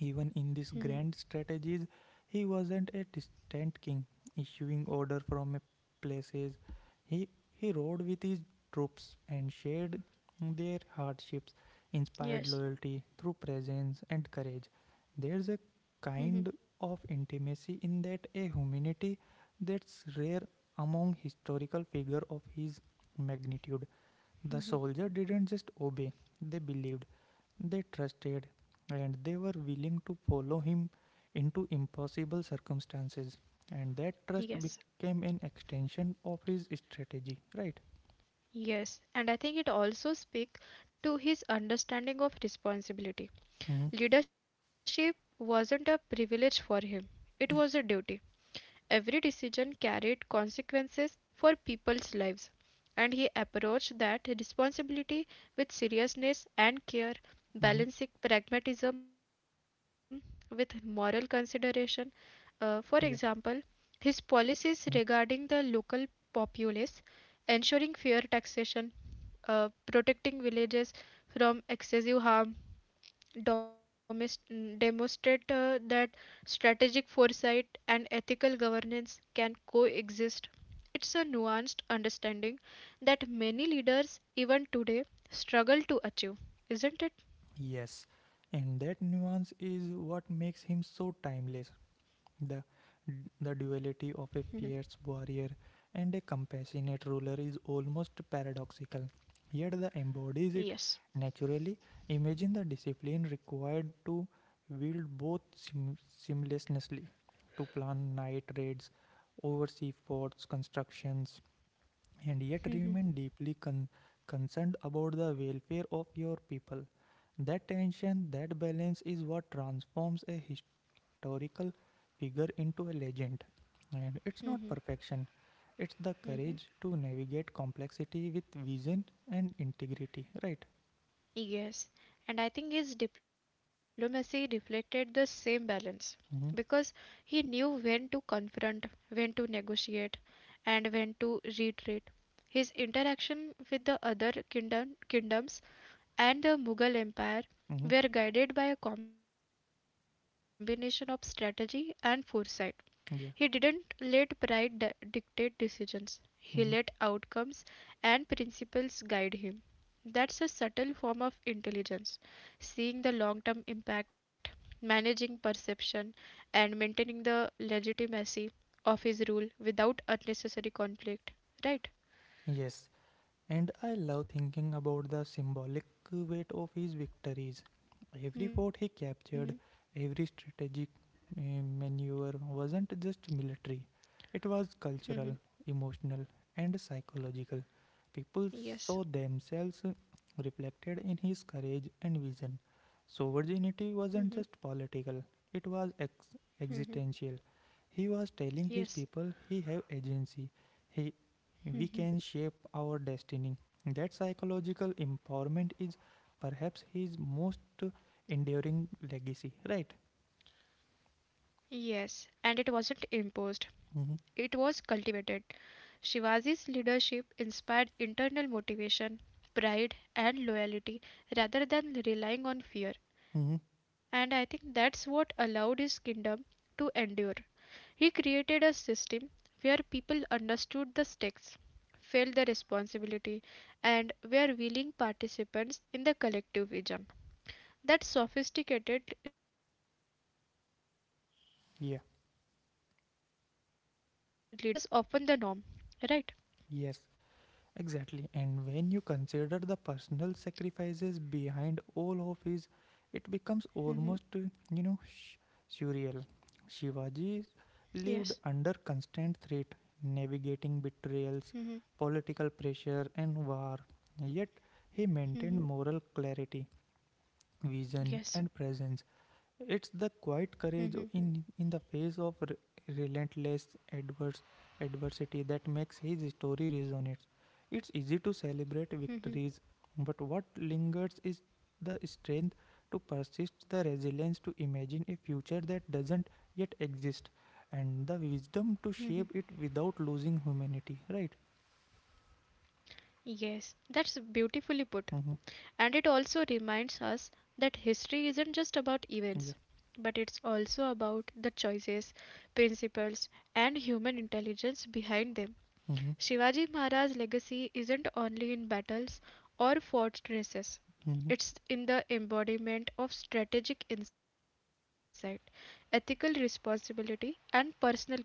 A: Even
B: Mhm,
A: in these grand strategies, he wasn't a distant king issuing order from a places. He he rode with his troops and shared their hardships, inspired loyalty through presence and courage. There's a
B: mhm,
A: kind of intimacy in that, a humanity that's rare among historical figures of his magnitude. The soldier
B: mhm.
A: didn't just obey, they believed, they trusted, and they were willing to follow him into impossible circumstances. And that trust
B: Yes.
A: became an extension of his strategy, right?
B: Yes, and I think it also speaks to his understanding of responsibility.
A: Hmm.
B: Leadership wasn't a privilege for him, it was a duty. Every decision carried consequences for people's lives, and he approached that responsibility with seriousness and care,
A: Hmm.
B: balancing pragmatism with moral consideration.
A: Yeah.
B: For example, his policies
A: Hmm.
B: regarding the local populace, ensuring fair taxation, protecting villages from excessive harm, demonstrate that strategic foresight and ethical governance can coexist. It's a nuanced understanding that many leaders, even today, struggle to achieve, isn't it?
A: Yes. And that nuance is what makes him so timeless. The, the duality of a fierce warrior and a compassionate ruler is almost paradoxical, yet the
B: Yes.
A: embodies it naturally. Imagine the discipline required to wield both seamlessly, to plan night raids, oversee forts constructions, and
B: Mhm,
A: yet remain deeply concerned about the welfare of your people. That tension, that balance is what transforms a historical figure into a legend. And it's
B: mhm,
A: not perfection, it's the
B: mhm.
A: courage to navigate complexity with vision and integrity, right?
B: Yes, and I think his diplomacy reflected the same balance because
A: Mm-hmm.
B: he knew when to confront, when to negotiate, and when to retreat. His interaction with the other kingdoms and the Mughal Empire
A: Mm-hmm.
B: were guided by a combination of strategy and foresight he didn't
A: Yeah.
B: let pride dictate decisions. He let
A: Mm-hmm.
B: outcomes and principles guide him. That's a subtle form of intelligence, seeing the long term impact, managing perception, and maintaining the legitimacy of his rule without unnecessary conflict. Right?
A: Yes. And I love thinking about the symbolic weight of his victories. Every fort
B: Hmm.
A: he captured, every strategic uh, maneuver wasn't just military, it was cultural, emotional, and psychological. People
B: Yes.
A: saw themselves reflected in his courage and vision. So,
B: Hmm.
A: virginity wasn't just political, it was
B: Hmm.
A: existential. He was
B: Yes.
A: telling his people he have agency, he we can shape our destiny. That psychological empowerment is perhaps his most enduring legacy, right?
B: Yes. And it wasn't imposed, it was
A: Hmm.
B: cultivated. Shivaji's leadership inspired internal motivation, pride, and loyalty rather than relying on fear.
A: Hmm.
B: And I think that's what allowed his kingdom to endure. He created a system where people understood the stakes, felt the responsibility, and were willing participants in the collective vision. That sophisticated leadership in a time when
A: Yeah,
B: coercion was often the norm, right?
A: yes, exactly. And when you consider the personal sacrifices behind all of his, it becomes
B: Mhm.
A: almost, you know, sh- surreal.
B: Yes.
A: Shivaji lived under constant threat, navigating
B: Mhm.
A: betrayals, political pressure, and war. Yet
B: Mhm.
A: he maintained moral clarity,
B: Yes.
A: vision and presence. It's the
B: Mhm.
A: quiet courage in the face of relentless adverse adversity that makes his story resonate. It's easy to
B: Mhm.
A: celebrate victories, but what lingers is the strength to persist, the resilience to imagine a future that doesn't yet exist, and the
B: Mhm.
A: wisdom to shape it without losing humanity. Right?
B: Yes. That's beautifully put. And it
A: Mm-hmm.
B: also reminds us that history isn't just about events,
A: Yeah.
B: but it's also about the choices, principles, and human intelligence behind them.
A: Mm-hmm.
B: Shivaji Maharaj's legacy isn't only in battles or fortresses,
A: Mm-hmm.
B: it's in the embodiment of strategic insight, ethical responsibility, and personal courage.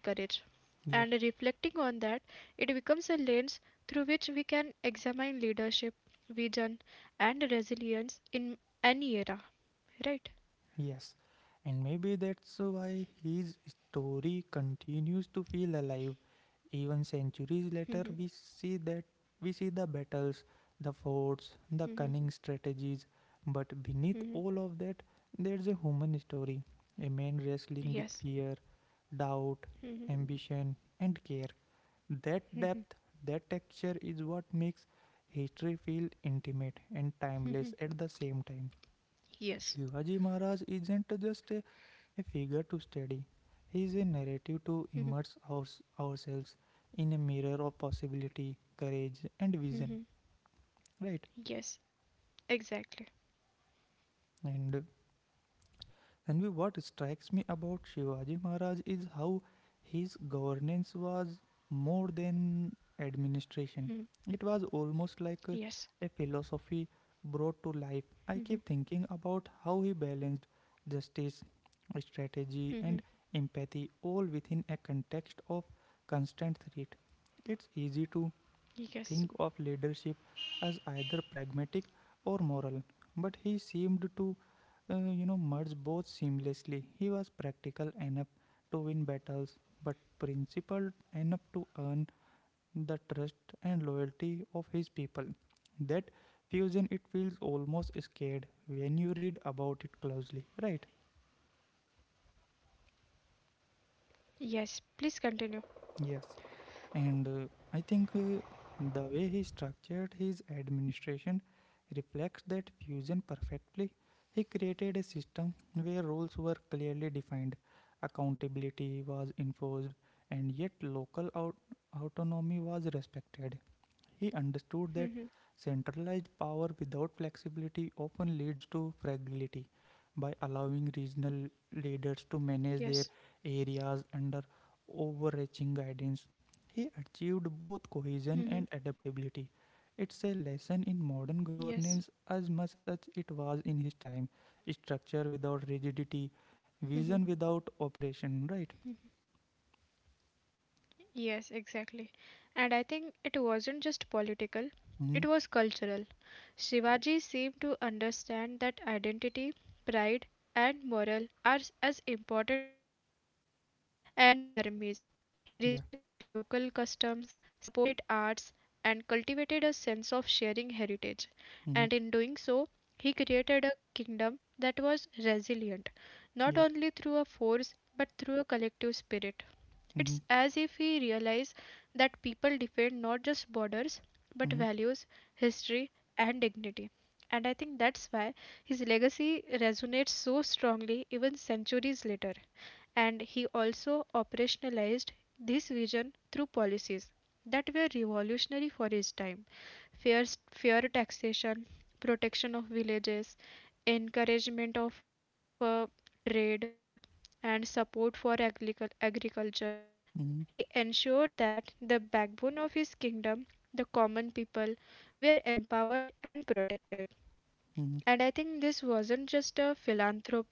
B: And reflecting
A: Yeah.
B: on that, it becomes a lens through which we can examine leadership, vision, and resilience in any era, right?
A: Yes, and maybe that's why his story continues to feel alive. Even centuries later, we see the battles, the forts, the cunning strategies. But beneath
B: Mhm.
A: all of that, there's a human story, a man wrestling with
B: Yes.
A: fear, doubt,
B: Mhm.
A: ambition, and care. That depth, that texture is what makes history feel intimate and timeless at the same time. Shivaji
B: Yes.
A: Maharaj isn't just a figure to study. He is a narrative to
B: Mhm.
A: immerse ourselves in a mirror of possibility, courage, and vision.
B: Mhm.
A: Right?
B: Yes. Exactly.
A: And uh, And what strikes me about Shivaji Maharaj is how his governance was more than
B: Mhm.
A: administration. It was almost like
B: Yes.
A: a philosophy brought to life. I keep
B: Mhm.
A: thinking about how he balanced justice,
B: Mm-hmm.
A: strategy, and empathy all within a context of constant threat. It's easy to
B: Yes.
A: think of leadership as either pragmatic or moral, but he seemed to merge both seamlessly. He was practical enough to win battles, but principled enough to earn the trust and loyalty of his people. That fusion, it feels almost scared when you read about it closely, right?
B: Yes. Please continue.
A: Yes. And I think the way he structured his administration reflects that fusion perfectly. He created a system where rules were clearly defined, accountability was enforced, and yet local autonomy was respected. He understood that
B: Mm-hmm.
A: centralized power without flexibility often leads to fragility. By allowing regional leaders to
B: Yes.
A: manage their areas under overarching guidance, he achieved both cohesion
B: Mm-hmm.
A: and adaptability. It's a lesson in modern governance
B: Yes.
A: as much as it was in his time. Structure without rigidity, vision without operation, right?
B: Yes, exactly. And I think it wasn't just political,
A: Mm-hmm.
B: it was cultural. Shivaji seemed to understand that identity, pride, and morale are as important as forts and armies. He respected
A: Yeah.
B: local customs, supported arts, and cultivated a sense of sharing heritage. And
A: Mm-hmm.
B: in doing so, he created a kingdom that was resilient not
A: Yeah.
B: only through a force but through a collective spirit.
A: Mm-hmm.
B: It's as if we realize that people defend not just borders but
A: Mm-hmm.
B: values, history, and dignity. And I think that's why his legacy resonates so strongly even centuries later and he also operationalized this vision through policies that were revolutionary for his time, fair, fair taxation, protection of villages, encouragement of trade, and support for agriculture. He
A: Mm-hmm.
B: ensured that the backbone of his kingdom, the common people, were empowered and protected. And I think this wasn't just a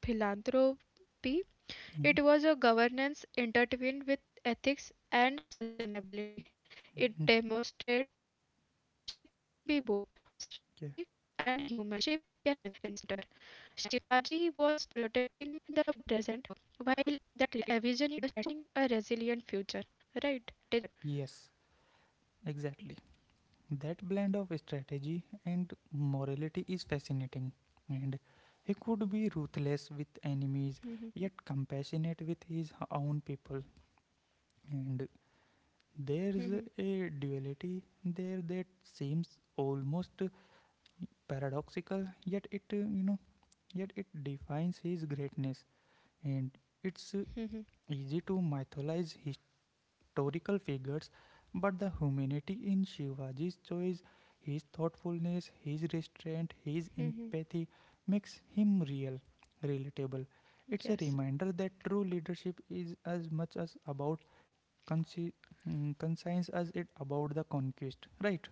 B: philanthropy,
A: Mm-hmm. Mm-hmm.
B: it was a governance intertwined with ethics and sustainability. It demonstrated that leadership can be both
A: Yeah.
B: strategic and human centered. Shivaji was protecting the present while envisioning a resilient future, right?
A: Yes, exactly. That blend of strategy and morality is fascinating. And he could be ruthless with enemies, yet compassionate with his own people. And
B: Mhm.
A: there's a duality there that seems almost paradoxical, yet it yet it defines his greatness. And it's easy to mythologize historical figures, but the humanity in Shivaji's choice, his thoughtfulness, his restraint, his empathy, makes him real, relatable. It's a
B: Yes.
A: reminder that true leadership is as much as about Consi, concerns us it about the conquest, right?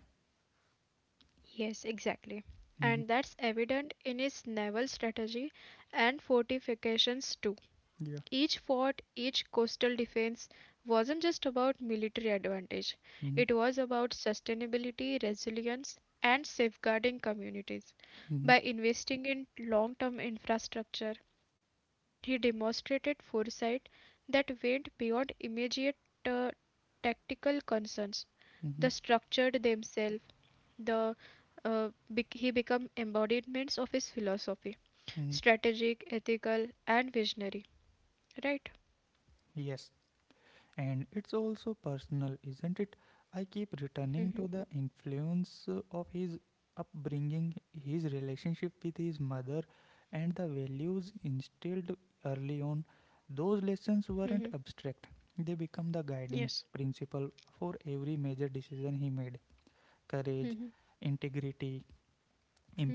B: Yes, exactly.
A: Mhm.
B: And that's evident in his naval strategy and fortifications too.
A: Yeah.
B: Each fort, each coastal defense wasn't just about military advantage,
A: Mhm.
B: it was about sustainability, resilience, and safeguarding communities.
A: Mhm.
B: By investing in long term infrastructure, he demonstrated foresight that went beyond immediate uh, tactical concerns.
A: Mhm.
B: The structured themselves, the he become embodiments of his philosophy,
A: Mhm.
B: strategic, ethical, and visionary. Right?
A: Yes, and it's also personal, isn't it? I keep returning to the influence of his upbringing, his relationship with his mother and the values instilled early on. Those lessons
B: Mhm.
A: weren't abstract, they become the guiding
B: Yes.
A: principle for every major decision he made. Courage,
B: Mhm.
A: integrity,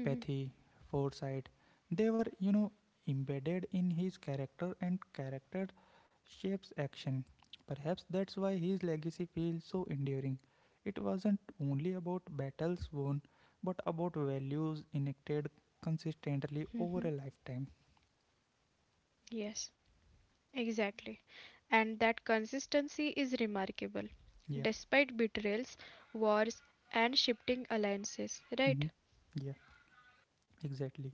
B: Mhm.
A: foresight. They were, you know, embedded in his character, and character shapes action. Perhaps that's why his legacy feels so enduring. It wasn't only about battles won, but about values enacted consistently over
B: Mhm.
A: a lifetime.
B: Yes. Exactly. And that consistency is remarkable,
A: Yeah.
B: despite betrayals, wars, and shifting alliances. Right?
A: Hmm. Yeah, exactly.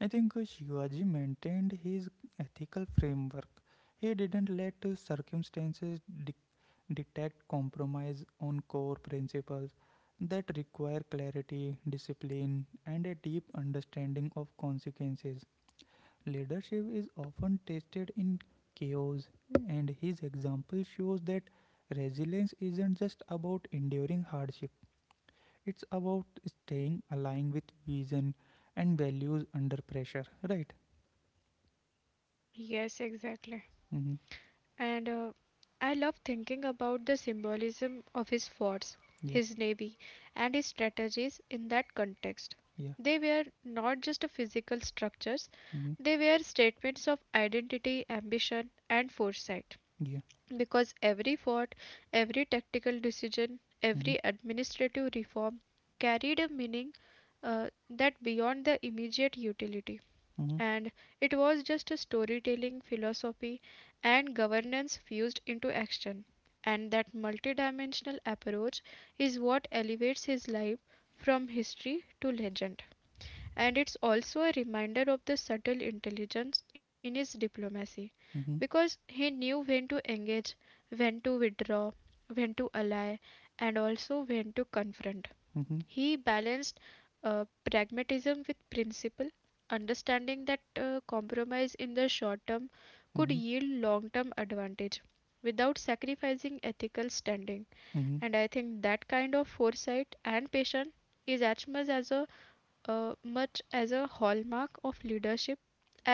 A: I think Shivaji maintained his ethical framework. He didn't let circumstances dictate detect compromise on core principles that require clarity, discipline, and a deep understanding of consequences. Leadership is often tested in chaos, and his example shows that resilience isn't just about enduring hardship, it's about staying aligned with vision and values under pressure, right?
B: Yes, exactly.
A: Mm-hmm.
B: And I love thinking about the symbolism of his forts,
A: Yeah,
B: his navy, and his strategies in that context.
A: yeah,
B: They were not just a physical structures,
A: mm-hmm.
B: they were statements of identity, ambition, and foresight.
A: Yeah,
B: Because every vote, every tactical decision,
A: mm-hmm.
B: every administrative reform carried a meaning that beyond the immediate utility.
A: Mm-hmm.
B: And it was just a storytelling philosophy and governance fused into action. And that multidimensional approach is what elevates his life from history to legend and it's also a reminder of the subtle intelligence in his diplomacy
A: Mm-hmm.
B: because he knew when to engage, when to withdraw, when to ally, and also when to confront.
A: Mm-hmm.
B: He balanced uh, pragmatism with principle, understanding that compromise in the short term
A: Mm-hmm.
B: could yield long term advantage without sacrificing ethical standing.
A: Mm-hmm.
B: And I think that kind of foresight and patience is as much as a hallmark of leadership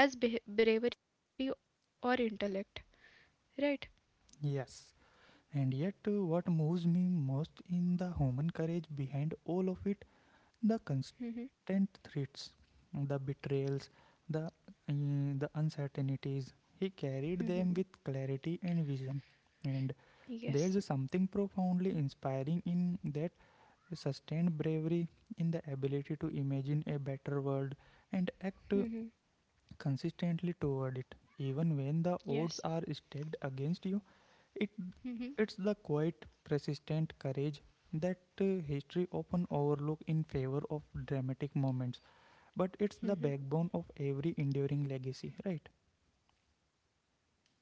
B: as beh bravery or intellect. Right?
A: Yes, and yet, what moves me most in the human courage behind all of it, the
B: Mm-hmm.
A: constant threats, the betrayals, the, uh, the uncertainties. He carried them with clarity and vision. And there's
B: Yes.
A: something profoundly inspiring in that sustained bravery, in the ability to imagine a better world and act
B: Mm-hmm.
A: consistently toward it. Even when the odds are
B: Yes.
A: stacked against you, it it's the
B: Mm-hmm.
A: quiet, persistent courage that history often overlooks in favor of dramatic moments, but it's the backbone of every
B: Mm-hmm.
A: enduring legacy, right?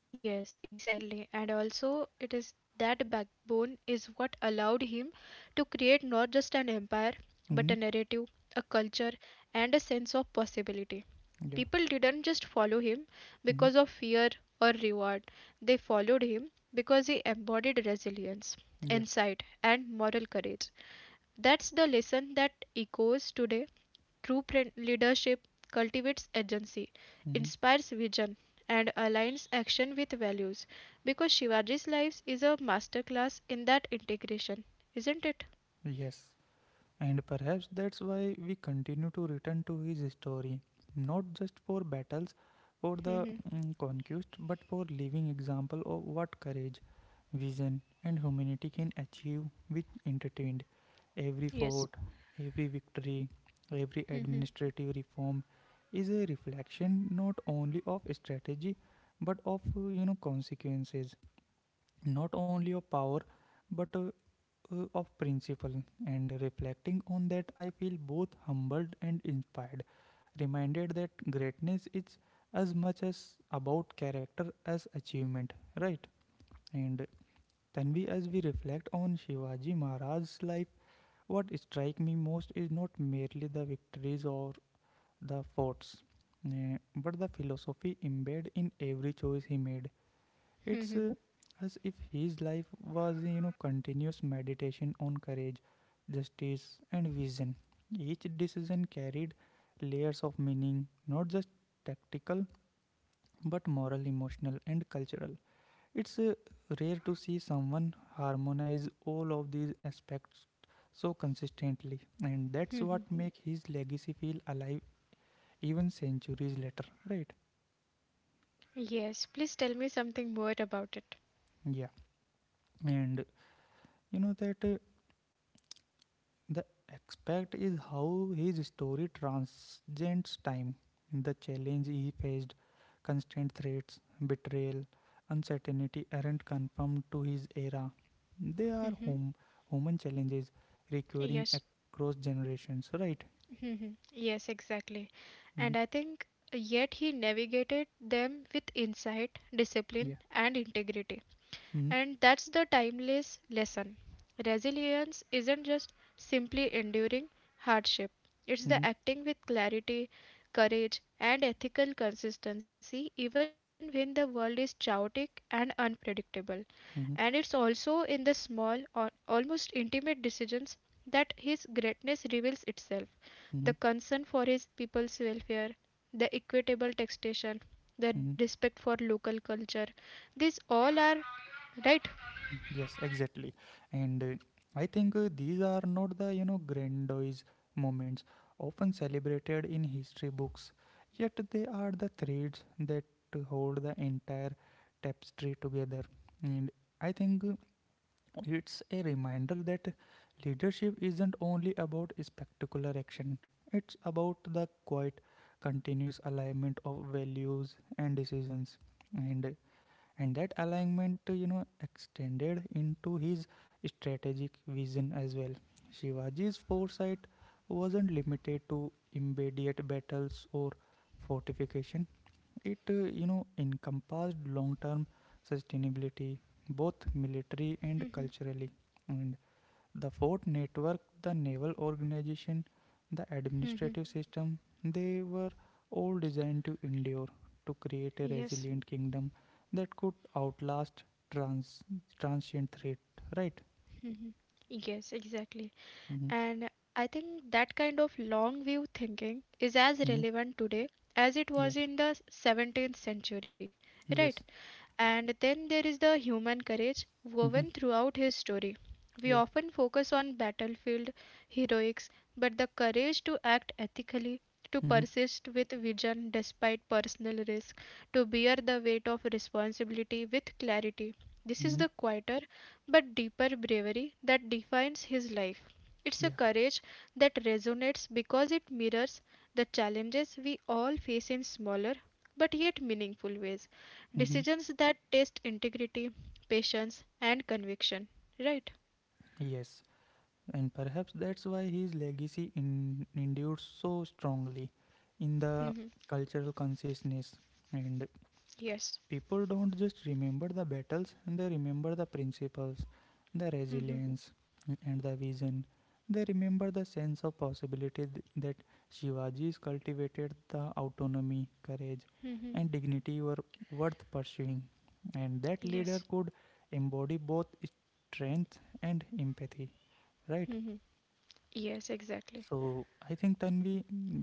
B: Yes, exactly. And also, it is that backbone is what allowed him to create not just an empire, but a
A: Mm-hmm.
B: narrative, a culture, and a sense of possibility.
A: Yeah.
B: People didn't just follow him
A: Mm-hmm.
B: because of fear or reward, they followed him because he embodied resilience,
A: Yeah.
B: insight, and moral courage. That's the lesson that echoes today. Leadership cultivates agency,
A: Mm-hmm.
B: inspires vision, and aligns action with values because Shivaji's life is a masterclass in that integration, isn't it?
A: Yes. And perhaps that's why we continue to return to his story, not just for battles, for the conquest, but for living example of what courage, vision, and humanity can achieve with entertained. Every fort,
B: [laughs] Yes.
A: every victory, every administrative reform is a reflection not only of strategy but of consequences, not only of power but of principle. And reflecting on that, I feel both humbled and inspired, reminded that greatness is as much as about character as achievement, right? And Tanvi, as we reflect on Shivaji Maharaj's life, what strikes me most is not merely the victories or the forts, but the philosophy embedded in every choice he made. It's as if his life was, you know, continuous meditation on courage, justice, and vision. Each decision carried layers of meaning, not just tactical, but moral, emotional, and cultural. It's rare to see someone harmonize all of these aspects so consistently, and that's what
B: [laughs]
A: makes his legacy feel alive even centuries later, right?
B: Yes, please tell me something more about it.
A: Yeah, and you know that the aspect is how his story transcends time. The challenge he faced, constant threats, betrayal, uncertainty aren't confined to his era. They are
B: Mm-hmm.
A: home, human challenges recurring
B: Yes.
A: across generations, right?
B: Mm-hmm. Yes, exactly. And
A: Mhm.
B: I think yet he navigated them with insight, discipline,
A: Yeah.
B: and integrity.
A: Mm-hmm.
B: And that's the timeless lesson. Resilience isn't just simply enduring hardship, it's
A: Mm-hmm.
B: the acting with clarity, courage, and ethical consistency even when the world is chaotic and unpredictable. And it's also in the small or almost intimate decisions that his greatness reveals itself.
A: Mm-hmm.
B: The concern for his people's welfare, the equitable taxation,
A: Mm-hmm.
B: the respect for local culture, these all are right.
A: Yes, exactly. And I think these are not the, you know, grandiose moments often celebrated in history books, yet they are the threads that hold the entire tapestry together. And I think it's a reminder that leadership isn't only about spectacular action, it's about the quiet, continuous alignment of values and decisions. And and that alignment extended into his strategic vision as well. Shivaji's foresight wasn't limited to immediate battles or fortification. It encompassed long term sustainability, both military
B: Hmm.
A: and culturally. And the fort network, the naval organization, the administrative system, they were all designed to endure, to create a
B: Yes,
A: resilient kingdom that could outlast trans transient threat, right?
B: yes, exactly.
A: Mm-hmm.
B: And I think that kind of long view thinking is as
A: Mm-hmm.
B: relevant today as it
A: Yeah.
B: was in the 17th century, right?
A: Yes.
B: And then there is the human courage
A: Mm-hmm.
B: woven throughout his story. We
A: Yeah.
B: often focus on battlefield heroics, but the courage to act ethically, to
A: Mm-hmm.
B: persist with vision despite personal risk, to bear the weight of responsibility with clarity. This is
A: Mm-hmm.
B: the quieter but deeper bravery that defines his life. It's a
A: Yeah.
B: courage that resonates because it mirrors the challenges we all face in smaller but yet meaningful ways
A: Mm-hmm.
B: decisions that test integrity, patience, and conviction, right?
A: Yes. And perhaps that's why his legacy endured so strongly in the
B: Mhm.
A: cultural consciousness. And
B: Yes.
A: people don't just remember the battles, they remember the principles, the
B: Mhm.
A: resilience, and the vision. They remember the sense of possibility that Shivaji's cultivated, the autonomy, courage,
B: Mhm.
A: and dignity were worth pursuing. And that leader
B: Yes.
A: could embody both strength and empathy, right?
B: Mhm. Yes, exactly.
A: So I think then we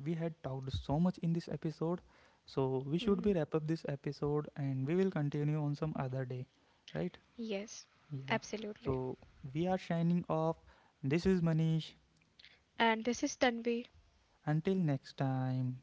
A: we had talked so much in this episode. So we should be
B: Mhm.
A: wrap up this episode and we will continue on some other day, right?
B: Yes,
A: Yeah.
B: absolutely.
A: So we are shining off. This is Manish.
B: And this is Tanvi
A: Until next time.